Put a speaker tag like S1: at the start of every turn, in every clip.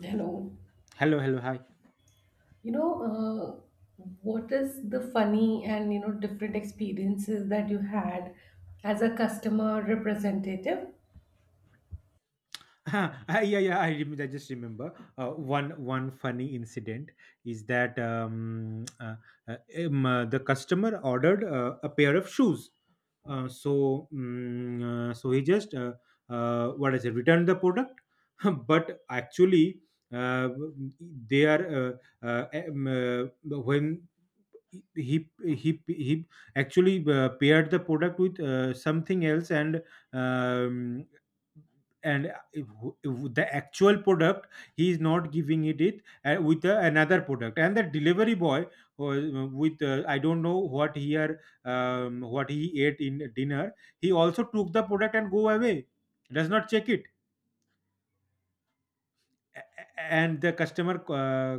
S1: Hello.
S2: Hello, hello, hi.
S1: You know, what is the funny and different experiences that you had as a customer representative?
S2: Ah, yeah, yeah. I just remember one funny incident is that uh, the customer ordered a pair of shoes. So he just what is it? Returned the product, but actually uh, they are when he actually paired the product with something else and um, and if- if the actual product he is not giving it with another product, and the delivery boy, with I don't know what he are, what he ate in dinner, he also took the product and go away, does not check it. a- and the customer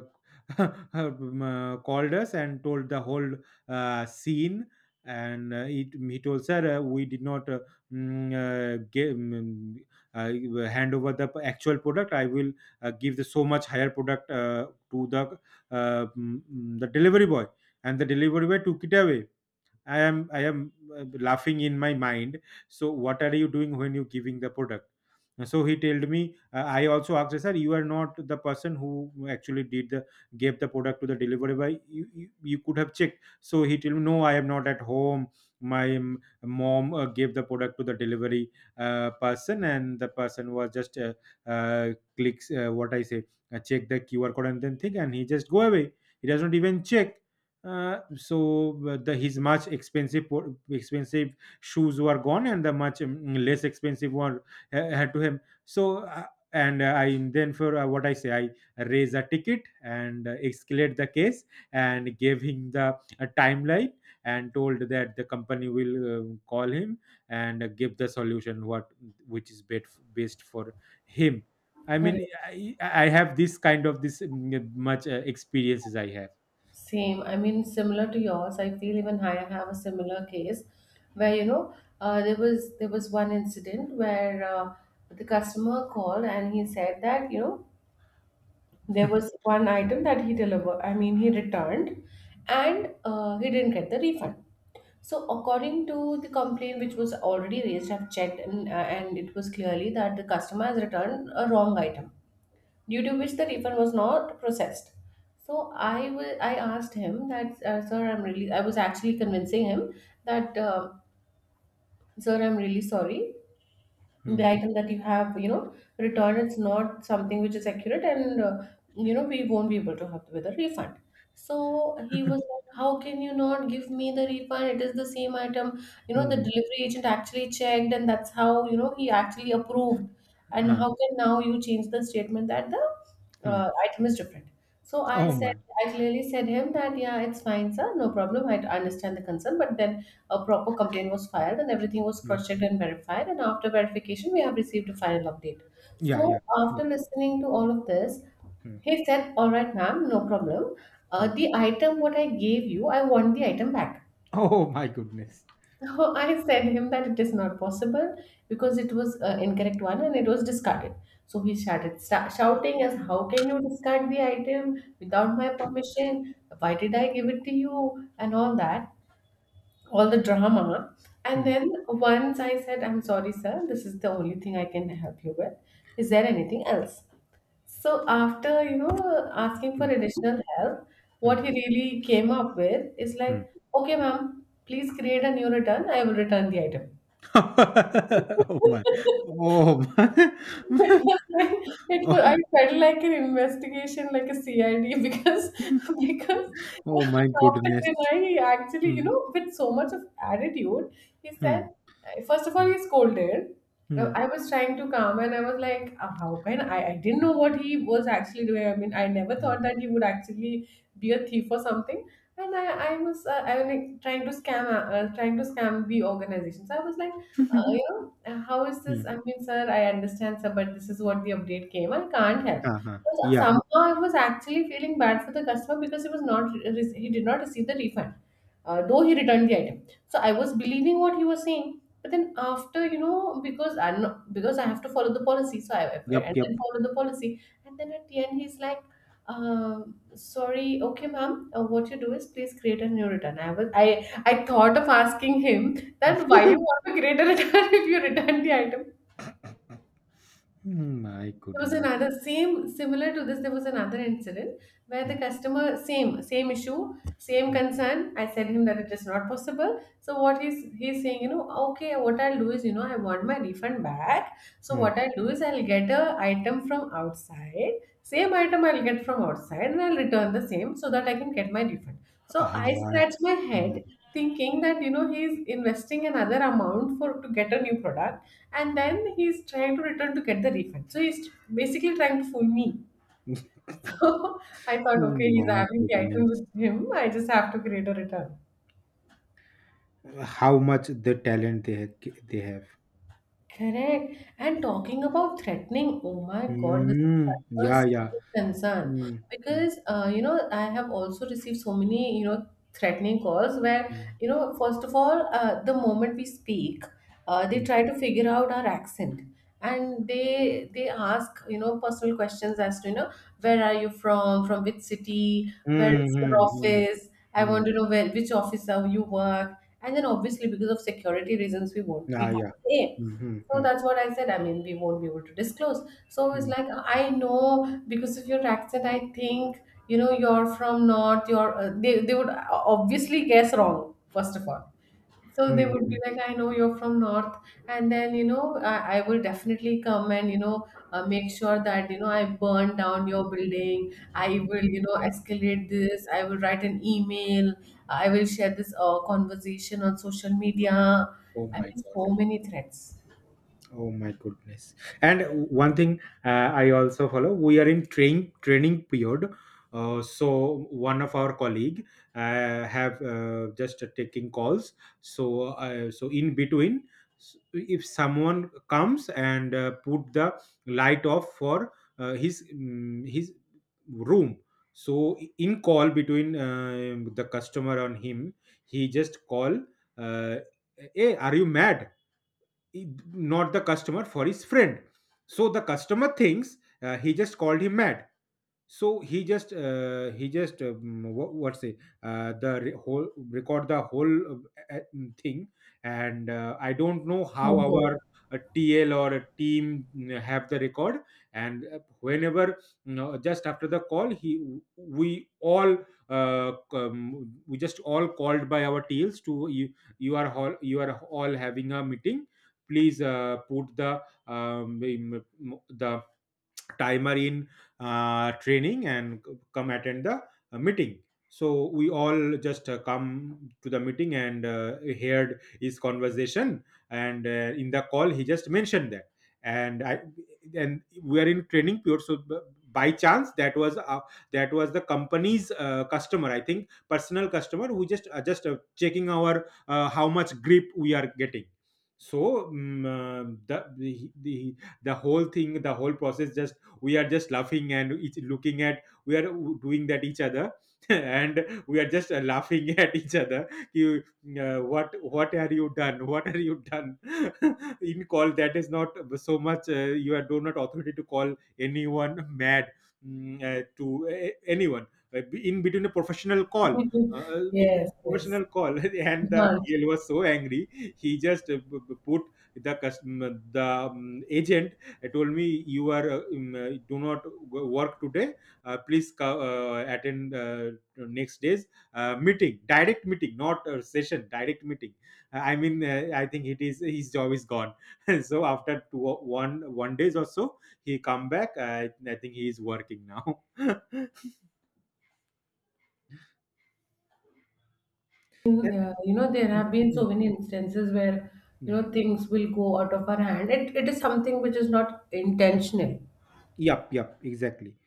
S2: called us and told the whole scene. And he told, sir, we did not give, hand over the actual product. I will give the so much higher product to the the delivery boy, and the delivery boy took it away. I am laughing in my mind. So what are you doing when you giving the product? So he told me, I also asked, sir, you are not the person who actually did the, gave the product to the delivery boy. You could have checked. So he told me, no, I am not at home. My mom gave the product to the delivery person, and the person was just uh, clicks, what I say, check the QR code and then think, and he just go away. He does not even check. The his much expensive expensive shoes were gone, and the much less expensive one had to him. So and I then, for what I say, I raise a ticket and escalate the case, and gave him the timeline, and told that the company will call him and give the solution what, which is best for him. I
S1: Correct.
S2: mean, I have this kind of this, much experiences I have.
S1: Same. I mean, similar to yours. I feel even I have a similar case where there was one incident where the customer called and he said that there was one item that he delivered, I mean, he returned and he didn't get the refund. So, according to the complaint which was already raised, I've checked and it was clearly that the customer has returned a wrong item, due to which the refund was not processed. So I asked him that, sir, I'm really, I was actually convincing him that, sir, I'm really sorry,
S2: Hmm.
S1: the item that you have returned, it's not something which is accurate, and we won't be able to help with a refund. So he was like, how can you not give me the refund? It is the same item, the
S2: Mhm.
S1: delivery agent actually checked, and that's how, he actually approved. And
S2: Uh-huh.
S1: how can now you change the statement that the
S2: Hmm.
S1: item is different? so i
S2: Oh
S1: said
S2: my.
S1: i clearly said him that, yeah, it's fine, sir, no problem, I understand the concern. But then a proper complaint was filed and everything was
S2: Yeah.
S1: cross-checked and verified, and after verification we have received a final update.
S2: Yeah.
S1: So
S2: Yeah. Hmm,
S1: after listening to all of this,
S2: hmm,
S1: he said, all right, ma'am, no problem,
S2: hmm.
S1: the item what I gave you, I want the item back.
S2: Oh my goodness.
S1: So I said him that it is not possible because it was incorrect one, and it was discarded. So he started shouting, as, how can you discard the item without my permission? Why did I give it to you? And all that, all the drama. And
S2: Hmm,
S1: then once I said, I'm sorry, sir, this is the only thing I can help you with. Is there anything else? So, after, asking for
S2: hmm,
S1: additional help, what
S2: hmm,
S1: he really came up with is
S2: hmm.
S1: like, okay, ma'am, please create a new return, I will return the item.
S2: Oh my. Oh my.
S1: It was like, I
S2: Oh,
S1: felt like an investigation, like a CID, because because
S2: oh my
S1: after
S2: goodness.
S1: dinner, he actually,
S2: Hmm,
S1: with so much of attitude, he
S2: hmm,
S1: said, first of all,
S2: hmm,
S1: he scolded. Uh,
S2: hmm,
S1: I was trying to calm, and I was like, "How can I? I didn't know what he was actually doing. I mean, I never
S2: hmm,
S1: thought that he would actually be a thief or something. And I was like, trying to scam, trying to scam the organization. So I was like, uh, you know, how is this? I
S2: hmm.
S1: mean, sir, I understand, sir, but this is what the update came. I can't help.
S2: Uh-huh.
S1: So
S2: Yeah.
S1: somehow I was actually feeling bad for the customer because he did not receive the refund, though he returned the item. So I was believing what he was saying, but then, after, because I know, because I have to follow the policy, so I
S2: Yep.
S1: and then
S2: Yep.
S1: follow the policy, and then at the end, he's like. Sorry, okay, ma'am. What you do is please create a new return. I was I thought of asking him, then why you want to create a return if you return the item?
S2: My
S1: There was
S2: goodness.
S1: another, same, similar to this. There was another incident where the
S2: Hmm,
S1: customer, same issue, same
S2: hmm,
S1: concern. I said him that it is not possible. So what he's saying, okay, what I'll do is, I want my refund back. So
S2: hmm.
S1: what I'll do is, I'll get a item from outside, same item I'll get from outside, and I'll return the same so that I can get my refund. So
S2: Ah,
S1: I scratch
S2: oh
S1: my head, thinking that, he's investing another amount for to get a new product, and then he's trying to return to get the refund. So he's basically trying to fool me. So I thought, okay, he's
S2: my
S1: having the item
S2: goodness.
S1: with him. I just have to create a return.
S2: How much the talent they they have.
S1: Correct. And talking about threatening, oh my God, this is
S2: Mm,
S1: such a
S2: yeah,
S1: serious
S2: yeah.
S1: concern,
S2: Mm, mm,
S1: because I have also received so many threatening calls, where,
S2: mm,
S1: first of all, the moment we speak, they
S2: mm.
S1: try to figure out our accent, and they ask, personal questions, as to, where are you from which city, where
S2: Mm,
S1: is your
S2: mm, mm,
S1: office? I want
S2: mm.
S1: to know where, which office are you work, and then, obviously, because of security reasons, we won't we
S2: Yeah,
S1: can't
S2: yeah.
S1: say.
S2: Mm, mm,
S1: So
S2: mm,
S1: that's what I said. I mean, we won't be able to disclose. So it's
S2: mm,
S1: like, I know because of your accent, I think, you're from North, they would obviously guess wrong, first of all. So they
S2: mm,
S1: would be
S2: mm.
S1: like, I know you're from North. And then, I will definitely come, and, make sure that, I burn down your building. I will, escalate this. I will write an email. I will share this conversation on social media.
S2: Oh
S1: I
S2: my
S1: mean,
S2: God.
S1: so many threats.
S2: Oh my goodness! And one thing I also follow. We are in training period, so one of our colleague have just taking calls. So so in between, if someone comes and put the light off for his room. So in call between the customer and him, he just call, uh, "Hey, are you mad?" Not the customer, for his friend. So the customer thinks he just called him mad. So he just he just, what, what's it, the whole record the whole thing. And I don't know
S1: Oh,
S2: how
S1: go.
S2: our a TL or a team have the record. And whenever, you know, just after the call, he we all we just all called by our TLs to you, you are all, you are all having a meeting, please put um, the timer in training and come attend the meeting. So we all just come to the meeting and heard his conversation. And in the call he just mentioned that, and i and we are in training period, so by chance that was the company's customer, I think personal customer, who just checking our how much grip we are getting. So the whole thing, the whole process, just we are just laughing and each looking at, we are doing that each other, and we are just laughing at each other. You, what are you done, what are you done, in call, that is not so much. You are, do not authority to call anyone mad, to uh, anyone. Uh, in between a professional call, uh, in
S1: Yes, yes.
S2: professional call,
S1: You
S2: and the
S1: can't.
S2: TL was so angry. He just put the custom the agent, I told me, you are do not work today. Please attend next day's meeting, direct meeting, not a session, direct meeting. I mean, I think it is his job is gone. So after two, one one days or so, he come back. I think he is working now.
S1: In,
S2: And-
S1: uh, you know, there have been so many instances where,
S2: Mm.
S1: things will go out of our hand. It is something which is not intentional.
S2: Yep, yep, exactly.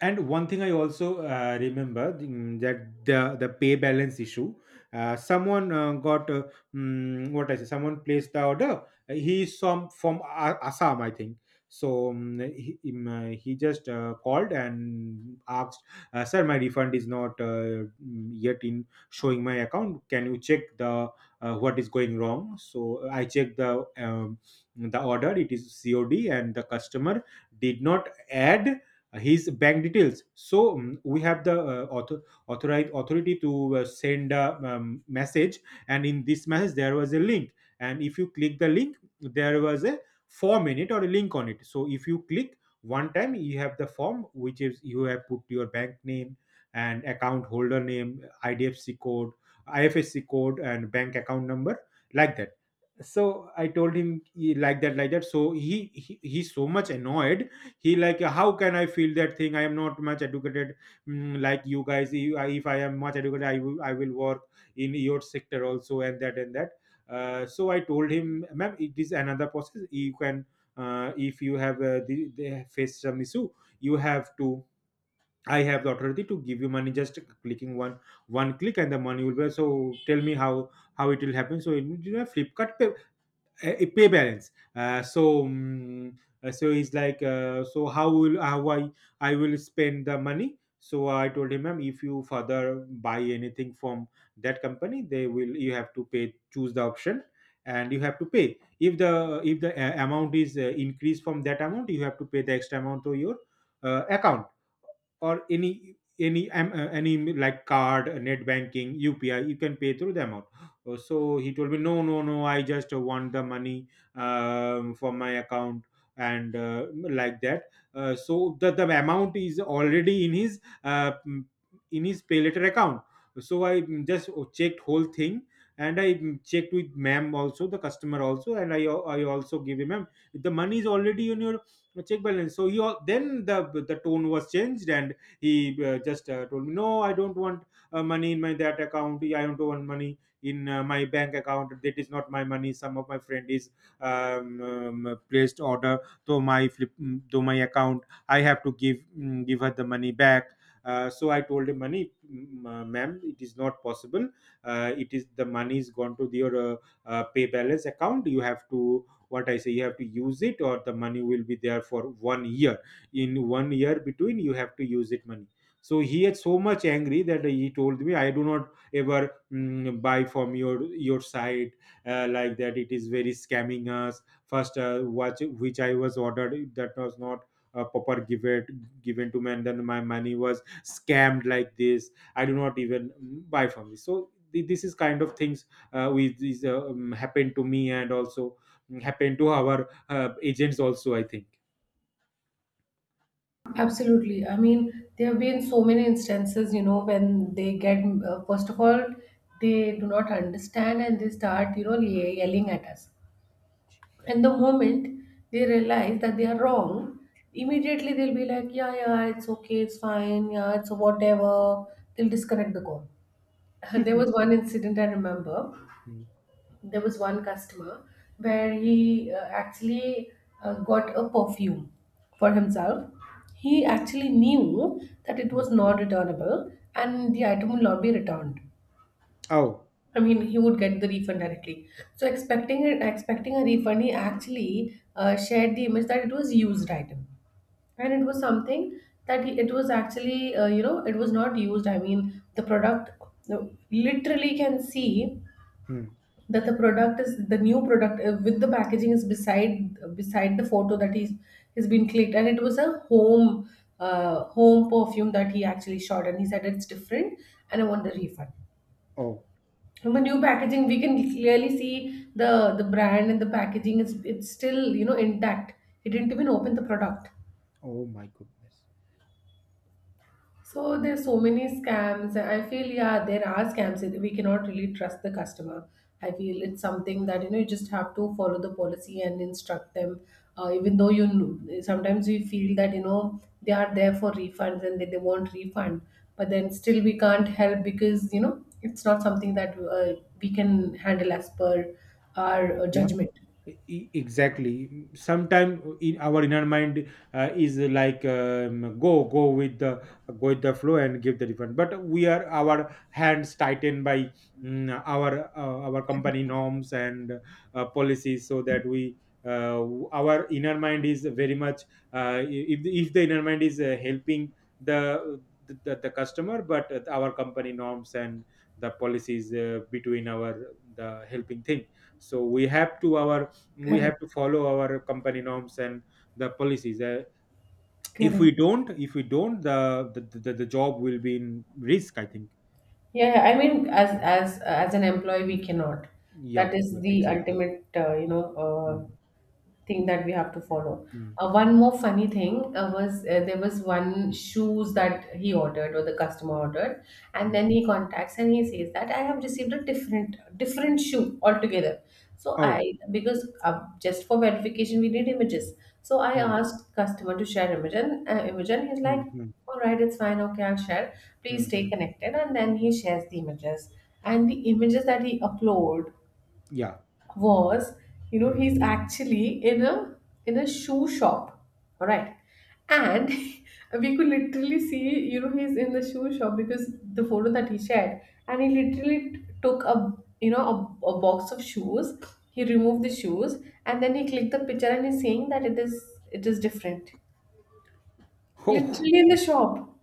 S2: And one thing I also remember, that the pay balance issue. Someone got what I say, someone placed the order. He is from Assam, I think. So he just called and asked, "Sir, my refund is not yet in showing my account. Can you check the what is going wrong?" So I checked the order. It is COD, and the customer did not add his bank details. So we have the authorized authority to send a message, and in this message there was a link. And if you click the link, there was a form in it or a link on it. So if you click one time, you have the form, which is you have put your bank name and account holder name, idfc code, ifsc code, and bank account number, like that. So I told him, "Ye- like that, like that." So he he's so much annoyed. He like, how can I feel that thing? I am not much educated, like you guys. If I am much educated, I will work in your sector also. And that, and that, so I told him, ma'am, it is another process. You can, if you have the, they face some issue, you have to, I have the authority to give you money, just clicking one, one click, and the money will be, so tell me how it will happen. So in, you know, Flipkart, a pay balance. uh, so mm, so he's like, so how will, how I will spend the money? So I told him, ma'am, if you further buy anything from that company, they will, you have to pay, choose the option, and you have to pay, if the amount is increased from that amount, you have to pay the extra amount to your account, or any, any, like card, net banking, UPI, you can pay through the amount. Uh, so he told me, no, no, no, I just want the money for my account, and like that. So the amount is already in his pay later account. So I just checked whole thing, and I checked with ma'am also, the customer also, and I also give him, ma'am, the money is already in your check balance. So then the tone was changed, and he just told me, no, I don't want money in my that account. I don't want money in my bank account, that is not my money, some of my friend is placed order to my flip to my account, I have to give, give her the money back. Uh, so I told him, money, ma'am, it is not possible. It is, the money is gone to your pay balance account. You have to, what I say, you have to use it, or the money will be there for 1 year. In 1 year between, you have to use it money. So he had so much angry that he told me, I do not ever buy from your site, like that. It is very scamming us. First watch which I was ordered, that was not proper given, given to me, and then my money was scammed like this. I do not even buy from this. So this is kind of things which is happened to me, and also happened to our agents also, I think.
S1: Absolutely. I mean, there have been so many instances, when they get, first of all, they do not understand, and they start, yelling at us. And the moment they realize that they are wrong, immediately they'll be like, yeah, yeah, it's okay, it's fine, yeah, it's whatever. They'll disconnect the call. There was one incident I remember.
S2: Mm.
S1: There was one customer where he actually got a perfume for himself. He actually knew that it
S2: Mm.
S1: was not returnable and the item will not be returned.
S2: Oh
S1: I mean, he would get the refund directly. So, expecting a refund, he actually shared the image that it was used item, and it was something it was actually, it was not used. I mean, the product, no, literally can see
S2: mm.
S1: that the product is the new product, with the packaging, is beside the photo that he's has been clicked, and it was a home perfume that he actually shot, and he said, it's different, and I want the refund.
S2: oh
S1: From the new packaging we can clearly see the brand, and the packaging is it's still, intact. He didn't even open the product.
S2: oh my goodness.
S1: So there's so many scams. I feel, yeah, there are scams. We cannot really trust the customer. I feel it's something that, you just have to follow the policy and instruct them. Even though, sometimes we feel that, they are there for refunds and that they want refund, but then still we can't help because, it's not something that we can handle as per our judgment.
S2: Exactly, sometimes in our inner mind is like go with the flow and give the refund, but we are, our hands tightened by our company norms and policies, so that we uh, our inner mind is very much if the inner mind is helping the the customer, but our company norms and the policies between our the helping thing, so we have to our we have
S1: Correct.
S2: to follow our company norms and the policies. If
S1: Correct.
S2: we don't, the job will be in risk, I think.
S1: Yeah, I mean, as an employee, we cannot. That
S2: yep
S1: is
S2: yep
S1: the
S2: exactly.
S1: ultimate,
S2: Mm,
S1: thing that we have to follow.
S2: mm,
S1: One more funny thing was, there was one shoes that he ordered, or the customer ordered, and
S2: mm.
S1: then he contacts and he says that I have received a different shoe altogether.
S2: oh.
S1: Because, just for verification, we need images. So I
S2: mm,
S1: asked customer to share image, and he's like,
S2: mm, mm,
S1: all right, it's fine. Okay, I'll share. Please
S2: mm,
S1: stay
S2: mm.
S1: connected. And then he shares the images, and the images that he upload
S2: yeah.
S1: was,
S2: mm.
S1: he's actually in a, shoe shop, all right, and we could literally see, he's in the shoe shop because the photo that he shared, and he literally took a you know a box of shoes. He removed the shoes, and then he clicked the picture, and he's saying that it is different,
S2: oh.
S1: literally in the shop.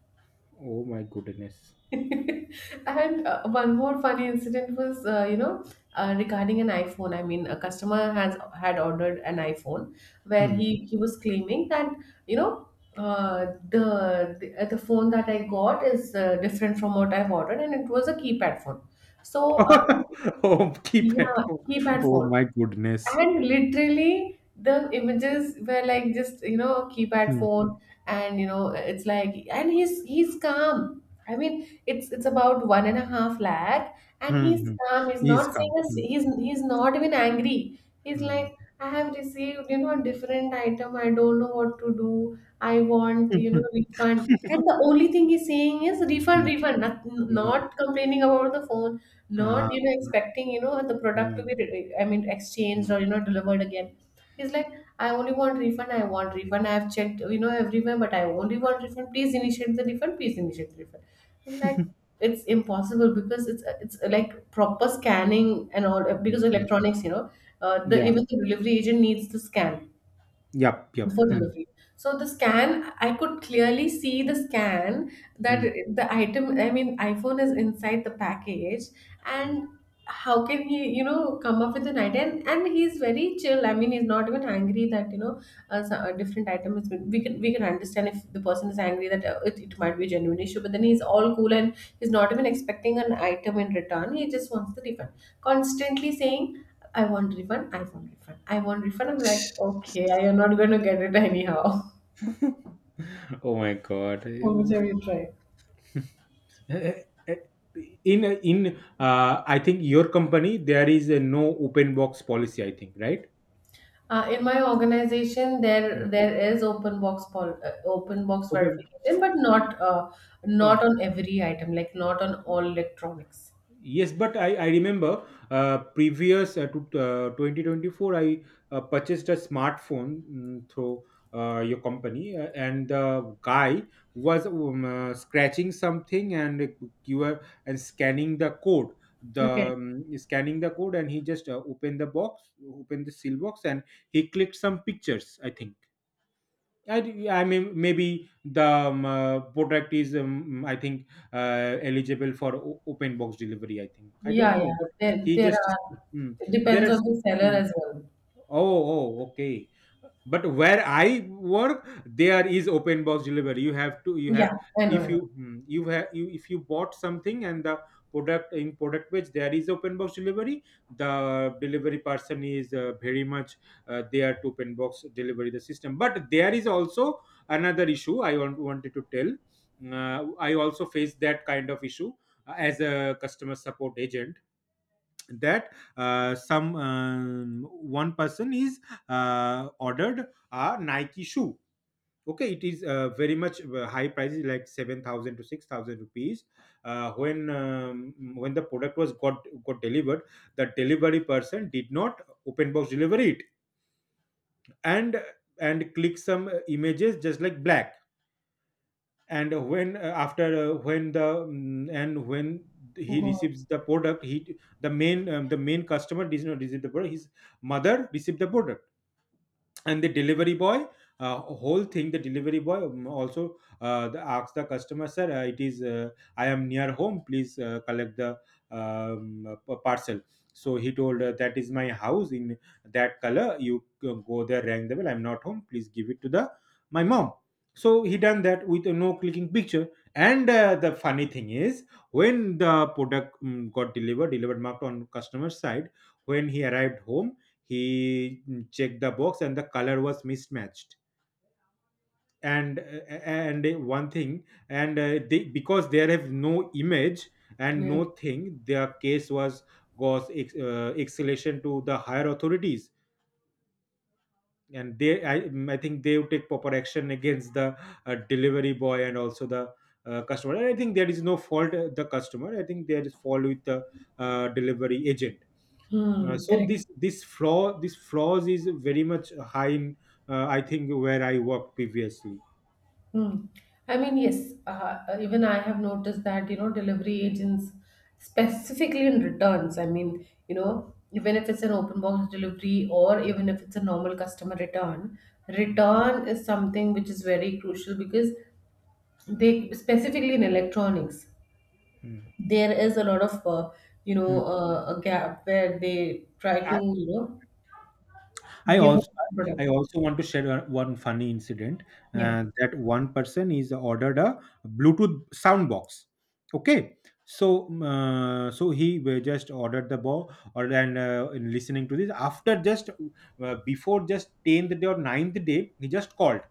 S2: Oh my goodness.
S1: And one more funny incident was, regarding an iPhone. I mean, a customer has had ordered an iPhone, where
S2: Hmm.
S1: he was claiming that, you know, uh, the phone that I got is different from what I've ordered, and it was a keypad phone. So, uh,
S2: oh, keep it,
S1: yeah,
S2: oh,
S1: keypad
S2: oh
S1: phone.
S2: my goodness.
S1: And literally, the images were like just, keypad
S2: Hmm,
S1: phone, and, it's like, and he's calm. I mean, it's about one and a half lakh, and
S2: hmm,
S1: he's
S2: hmm.
S1: calm. He's not
S2: He's
S1: saying
S2: come.
S1: he's not even angry. He's
S2: Hmm.
S1: like, I have received, different item. I don't know what to do. I want, refund. And the only thing he's saying is refund,
S2: Hmm,
S1: refund. Not,
S2: hmm, hmm.
S1: not complaining about the phone.
S2: Ah.
S1: Not,
S2: hmm,
S1: expecting, the product to
S2: hmm,
S1: be, I mean, exchanged
S2: hmm,
S1: or, delivered again. He's like, I only want refund, I want refund. I've checked, everywhere, but I only want refund. Please initiate the refund, please initiate the refund. I'm like, it's impossible because it's like proper scanning and all because
S2: hmm. hmm.
S1: electronics. The
S2: Yeah.
S1: Even the delivery agent needs to scan
S2: Yep, yep.
S1: before delivery. So the scan, I could clearly see the scan that
S2: Hmm,
S1: the item, I mean, iPhone is inside the package,
S2: hmm.
S1: and how can he, you know, come up with an idea? And he's very chill. I mean, he's not even angry that you know a different item is. We can understand if the person is angry that it, it might be a genuine issue, but then he's all cool and he's not even expecting an item in return. He just wants the refund constantly saying, I want refund, I want refund, I want refund. I'm like, okay, I am not going to get it anyhow.
S2: Oh my God.
S1: How much have you tried?
S2: Eh, eh, eh, in I think your company, there is a no open box policy, I think, right?
S1: In my organization, there
S2: Hmm.
S1: there is open box
S2: Open.
S1: verification, but
S2: uh,
S1: not on every item, like not on all electronics.
S2: Yes, but I remember previous to 2024, I purchased a smartphone through your company, and the guy was scratching something and you were and scanning the code. The
S1: Okay.
S2: Scanning the code, and he just opened the box, opened the seal box, and he clicked some pictures. I think I mean, maybe the product is, I think, eligible for open box delivery, I think. I
S1: Yeah,
S2: don't know,
S1: yeah.
S2: but
S1: There
S2: he
S1: there
S2: just
S1: are
S2: mm,
S1: depends
S2: there
S1: on the seller
S2: are.
S1: as well.
S2: Oh, oh, okay. But where I work, there is open box delivery. You have to, you
S1: Yeah,
S2: have,
S1: I know. I
S2: if
S1: know.
S2: you, hmm, you have, you, if you bought something and the product, in product page, there is open box delivery, the delivery person is very much there to open box delivery the system. But there is also another issue I wanted to tell. I also face that kind of issue as a customer support agent, that some one person is ordered a Nike shoe. Okay, it is very much high prices, like 7,000 to 6,000 rupees. When the product was got delivered, the delivery person did not open box deliver it, and and click some images just like black. And when after When the mm, and when he
S1: Go
S2: receives the product, he, the main customer does not receive the product. His mother received the product, and the delivery boy, uh, whole thing, the delivery boy also asks the customer, sir, it is I am near home, please collect the parcel. So he told, that is my house in that color, you go there, rang the bell, I'm not home, please give it to the my mom. So he done that with a no clicking picture. And the funny thing is, when the product got delivered, marked on customer side, when he arrived home, he checked the box and the color was mismatched. And one thing, and because there have no image
S1: on.
S2: and
S1: Yeah.
S2: no thing, their case was escalation to the higher authorities, and they, I think they would take proper action against the delivery boy and also the customer. And I think there is no fault the customer, I think there is fault with the delivery agent.
S1: Hmm,
S2: So this
S1: correct.
S2: this fraud this fraud is very much high in I think where I worked previously.
S1: Hmm. I mean, yes, even I have noticed that, you know, delivery agents, specifically in returns, I mean, you know, even if it's an open box delivery or even if it's a normal customer return, return is something which is very crucial because they, specifically in electronics,
S2: Mm.
S1: there is a lot of, you
S2: Mm.
S1: know, a gap where they try to,
S2: I,
S1: you know,
S2: I
S1: give a
S2: also I
S1: product.
S2: also want to share one funny incident,
S1: Yeah.
S2: that one person is ordered a Bluetooth sound box. Okay, so so he just ordered the box, or, and in listening to this after just before just tenth day or ninth day, he just called.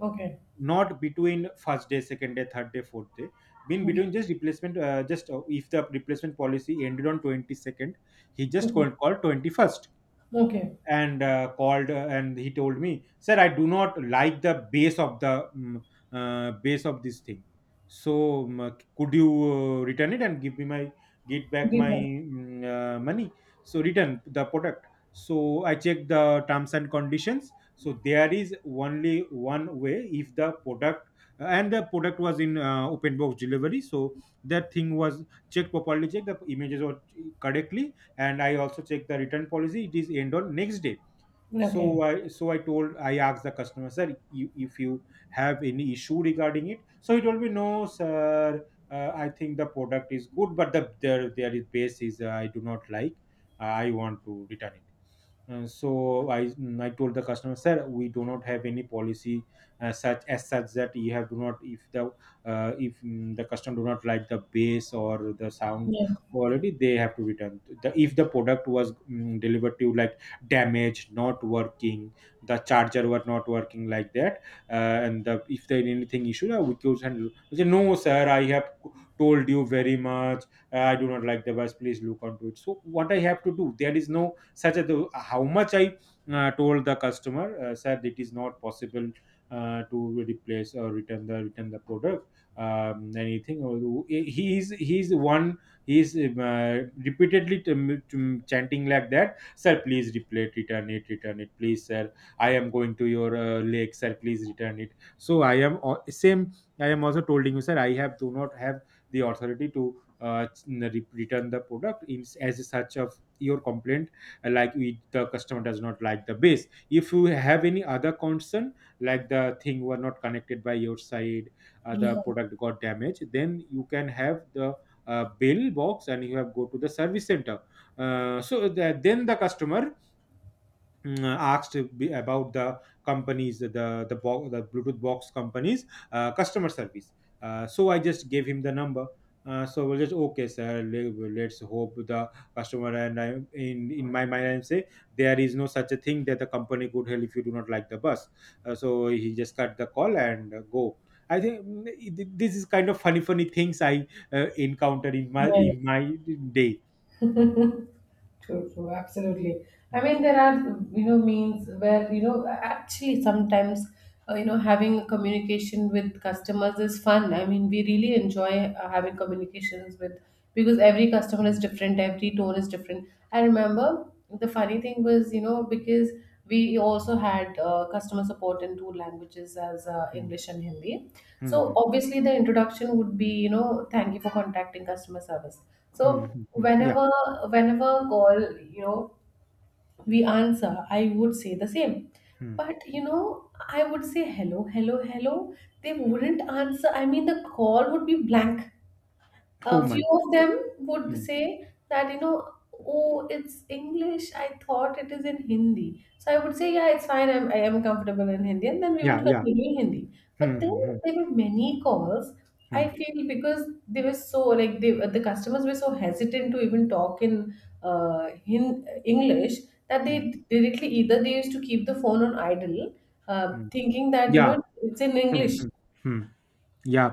S1: Okay.
S2: Not between first day, second day, third day, fourth day. Been between
S1: Okay.
S2: just replacement, just if the replacement policy ended on 22nd, he just
S1: Okay.
S2: called 21st
S1: Okay.
S2: and called, and he told me, sir, I do not like the base of the base of this thing. So could you return it and give me my, get back
S1: Okay.
S2: my money, so return the product. So I checked the terms and conditions, so there is only one way, if the product, and the product was in open box delivery, so that thing was checked, properly checked, the images were correctly. And I also check the return policy, it is end on next day.
S1: Okay.
S2: so
S1: Okay.
S2: i so i told, I asked the customer, sir, you, if you have any issue regarding it. So he told me, no sir, I think the product is good, but there there is base is, I do not like. I want to return it. So I told the customer, sir, we do not have any policy such that you have, do not, if the if mm, the customer do not like the bass or the sound
S1: Yeah.
S2: quality, they have to return. The, if the product was delivered to you like damaged, not working, the charger were not working, like that, uh, and the, if there anything issue, we could handle. I said, no, sir, I have told you very much, I do not like the bus, please look onto it. So what I have to do? There is no such as the, how much I told the customer, sir, it is not possible to replace or return the product, anything or, he is one, he is repeatedly chanting like that, sir please replay, return it, return it, please sir, I am going to your lake, sir, please return it. So same, I am also told you, sir, I have, do not have the authority to return the product, in, as such of your complaint. Like we, the customer does not like the base. If you have any other concern, like the thing were not connected by your side, the product got damaged, then you can have the bill box and you have go to the service center, so that. Then the customer asked to be about the companies, the Bluetooth box companies, customer service, so I just gave him the number. So we'll just, okay sir, let's hope. The customer and I, in my mind, I'm say, there is no such a thing that the company could help if you do not like the bus. So he just cut the call and go. I think this is kind of funny things I encounter in my, in
S1: Yes,
S2: my day.
S1: true, true, absolutely. I
S2: Mm,
S1: mean, there are, you know, means where, you know, actually sometimes, you know, having a communication with customers is fun. I mean, we really enjoy having communications with, because every customer is
S2: mm,
S1: different, every tone is different. I remember the funny thing was, you know, because we also had customer support in two languages as
S2: mm,
S1: English and Hindi.
S2: mm,
S1: So
S2: mm,
S1: obviously the introduction would be, you know, thank you for contacting customer service so
S2: mm. Yeah.
S1: whenever call, you know, we answer, I would say the same.
S2: hmm.
S1: But you know, I would say hello, hello, hello. They wouldn't answer. I mean, the call would be blank
S2: Oh
S1: a
S2: my.
S1: few of them would
S2: hmm.
S1: say that you know oh it's English, I thought it is in Hindi. So I would say yeah, it's fine, I am comfortable in Hindi, and then we
S2: Yeah,
S1: would
S2: yeah.
S1: continue in Hindi. But
S2: Hmm,
S1: then
S2: hmm, hmm,
S1: there were many calls I
S2: hmm,
S1: feel because they were so like they, the customers were so hesitant to even talk uh in English that they
S2: hmm,
S1: directly either they used to keep the phone on idle, uh,
S2: hmm.
S1: thinking that you
S2: Yeah.
S1: know it's in
S2: Hmm,
S1: English.
S2: hmm, hmm. Yeah.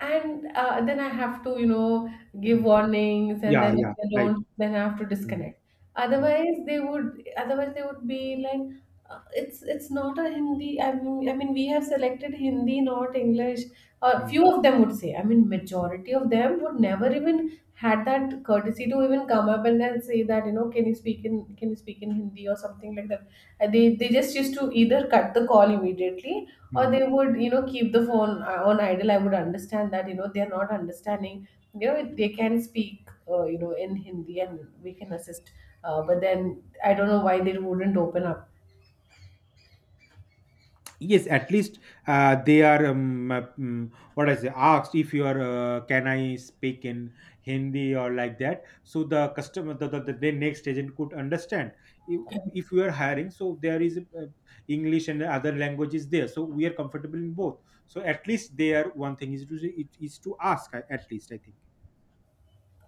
S1: And then I have to, you know, give
S2: Hmm.
S1: warnings, and
S2: Yeah,
S1: then if
S2: yeah.
S1: they
S2: Right.
S1: don't, then I have to
S2: Hmm,
S1: disconnect.
S2: hmm,
S1: Otherwise, they would. Otherwise, they would be like, it's not a Hindi. I mean, we have selected Hindi, not English. A
S2: hmm,
S1: few of them would say. I mean, majority of them would never even had that courtesy to even come up and then say that you know, can you speak in can you speak in Hindi or something like that. They just used to either cut the call immediately or
S2: hmm.
S1: they would you know keep the phone on idle. I would understand that you know they're not understanding, you know they can speak you know in Hindi and we can assist, but then I don't know why they wouldn't open up.
S2: Yes, at least they are what I say, asked, if you are, can I speak in Hindi or like that, so the customer, the their next agent could understand. if, if you are hiring, so there is English and other languages there, so we are comfortable in both, so at least there, one thing is to, it is to ask, at least I think.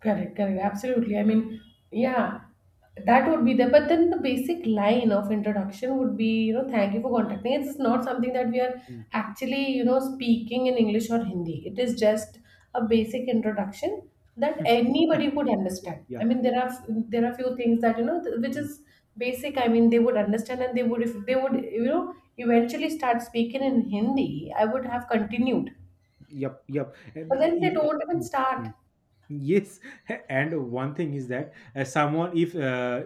S1: Correct, correct. Absolutely. I mean, yeah, that would be there. But then the basic line of introduction would be, you know, thank you for contacting. It's not something that we are
S2: Mm.
S1: actually, you know, speaking in English or Hindi. It is just a basic introduction that anybody would
S2: yeah
S1: understand. I
S2: yeah
S1: mean, there are few things that you know, which
S2: Mm.
S1: is basic. I mean, they would understand and they would if they would, you know, eventually start speaking in Hindi. I would have continued,
S2: Yep, yep. And
S1: but then they
S2: if-
S1: don't even start.
S2: Mm. Yes. And one thing is that, someone, if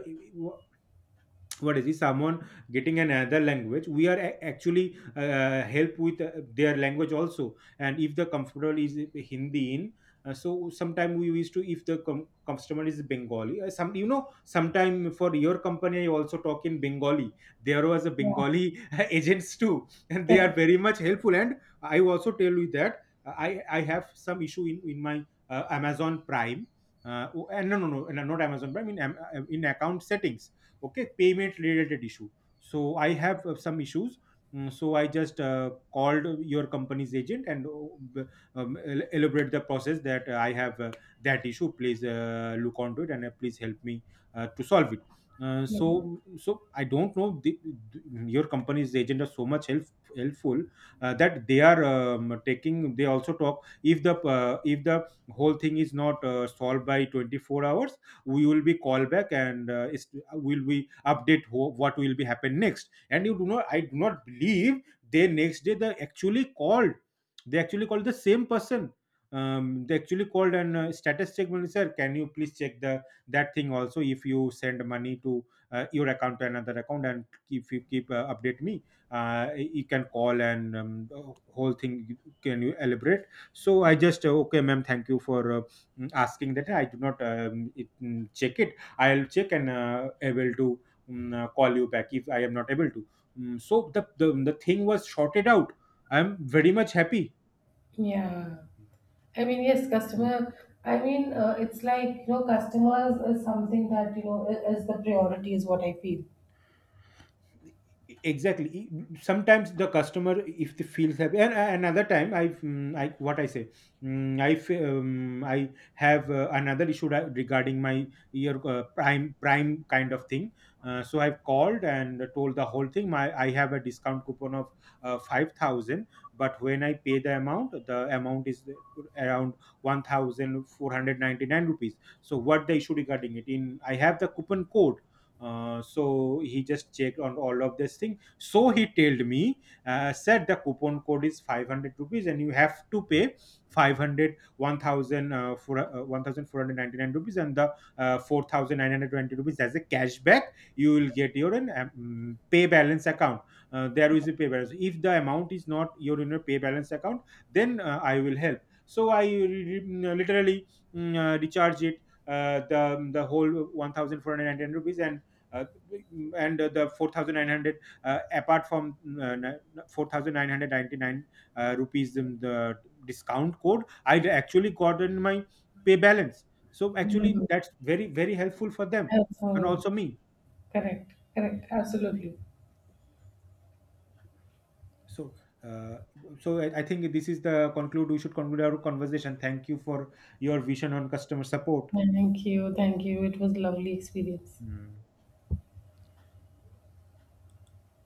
S2: what is it, someone getting another language, we are actually help with their language also. And if the comfortable is Hindi in, so sometime we used to, if the customer is Bengali, some you know sometime for your company I also talk in Bengali. There was a
S1: Yeah,
S2: Bengali agents too, and they are very much helpful. And I also tell you that, I have some issue in my Amazon Prime, oh, and no no no no, not Amazon Prime in, Am-, in account settings, okay, payment related issue. So I have some issues. So I just called your company's agent and elaborate the process, that I have that issue, please look onto it and please help me to solve it.
S1: correct.
S2: So, so I don't know, your company's agent are so much helpful, that they are taking, they also talk, if the whole thing is not solved by 24 hours, we will be called back, and will we update, what will be happen next. And you do not, I do not believe, they next day they actually called, they actually called the same person. They actually called and status check, when sir, can you please check, the that thing also, if you send money to your account to another account, and if you keep update me, you can call, and the whole thing, can you elaborate. So I just okay ma'am, thank you for asking that, I do not check it, I'll check, and able to call you back if I am not able to. So the thing was sorted out, I'm very much happy.
S1: Yeah,
S2: Mm,
S1: I mean, yes,
S2: mm,
S1: customer. I mean,
S2: mm.
S1: it's like, you know, customers is something that, you know, is the priority, is what I feel.
S2: Exactly. Sometimes the customer, if they feels happy. And another time I I what I say, I have another issue regarding my ear, prime, kind of thing. So I've called and told the whole thing, my, I have a discount coupon of 5,000. But when I pay the amount, the amount is around 1,499 rupees. So what the issue regarding it, in I have the coupon code. So he just checked on all of this thing. So he told me, said the coupon code is 500 rupees, and you have to pay 500 1000 1,499 rupees, and the 4,920 rupees as a cashback, you will get your pay balance account. There is a pay balance. If the amount is not your in your pay balance account, then I will help. So I literally recharge it the whole 1,499 rupees. And uh, and uh, the 4,900, apart from 4,999 rupees in the discount code, I actually got in my pay balance. So actually
S1: Mhm.
S2: that's very very helpful for them and
S1: So,
S2: also me.
S1: correct, correct, absolutely.
S2: So uh, so I think this is the conclude, we should conclude our conversation. Thank you for your vision on customer support.
S1: Thank you, thank you. It was lovely experience.
S2: Hmm.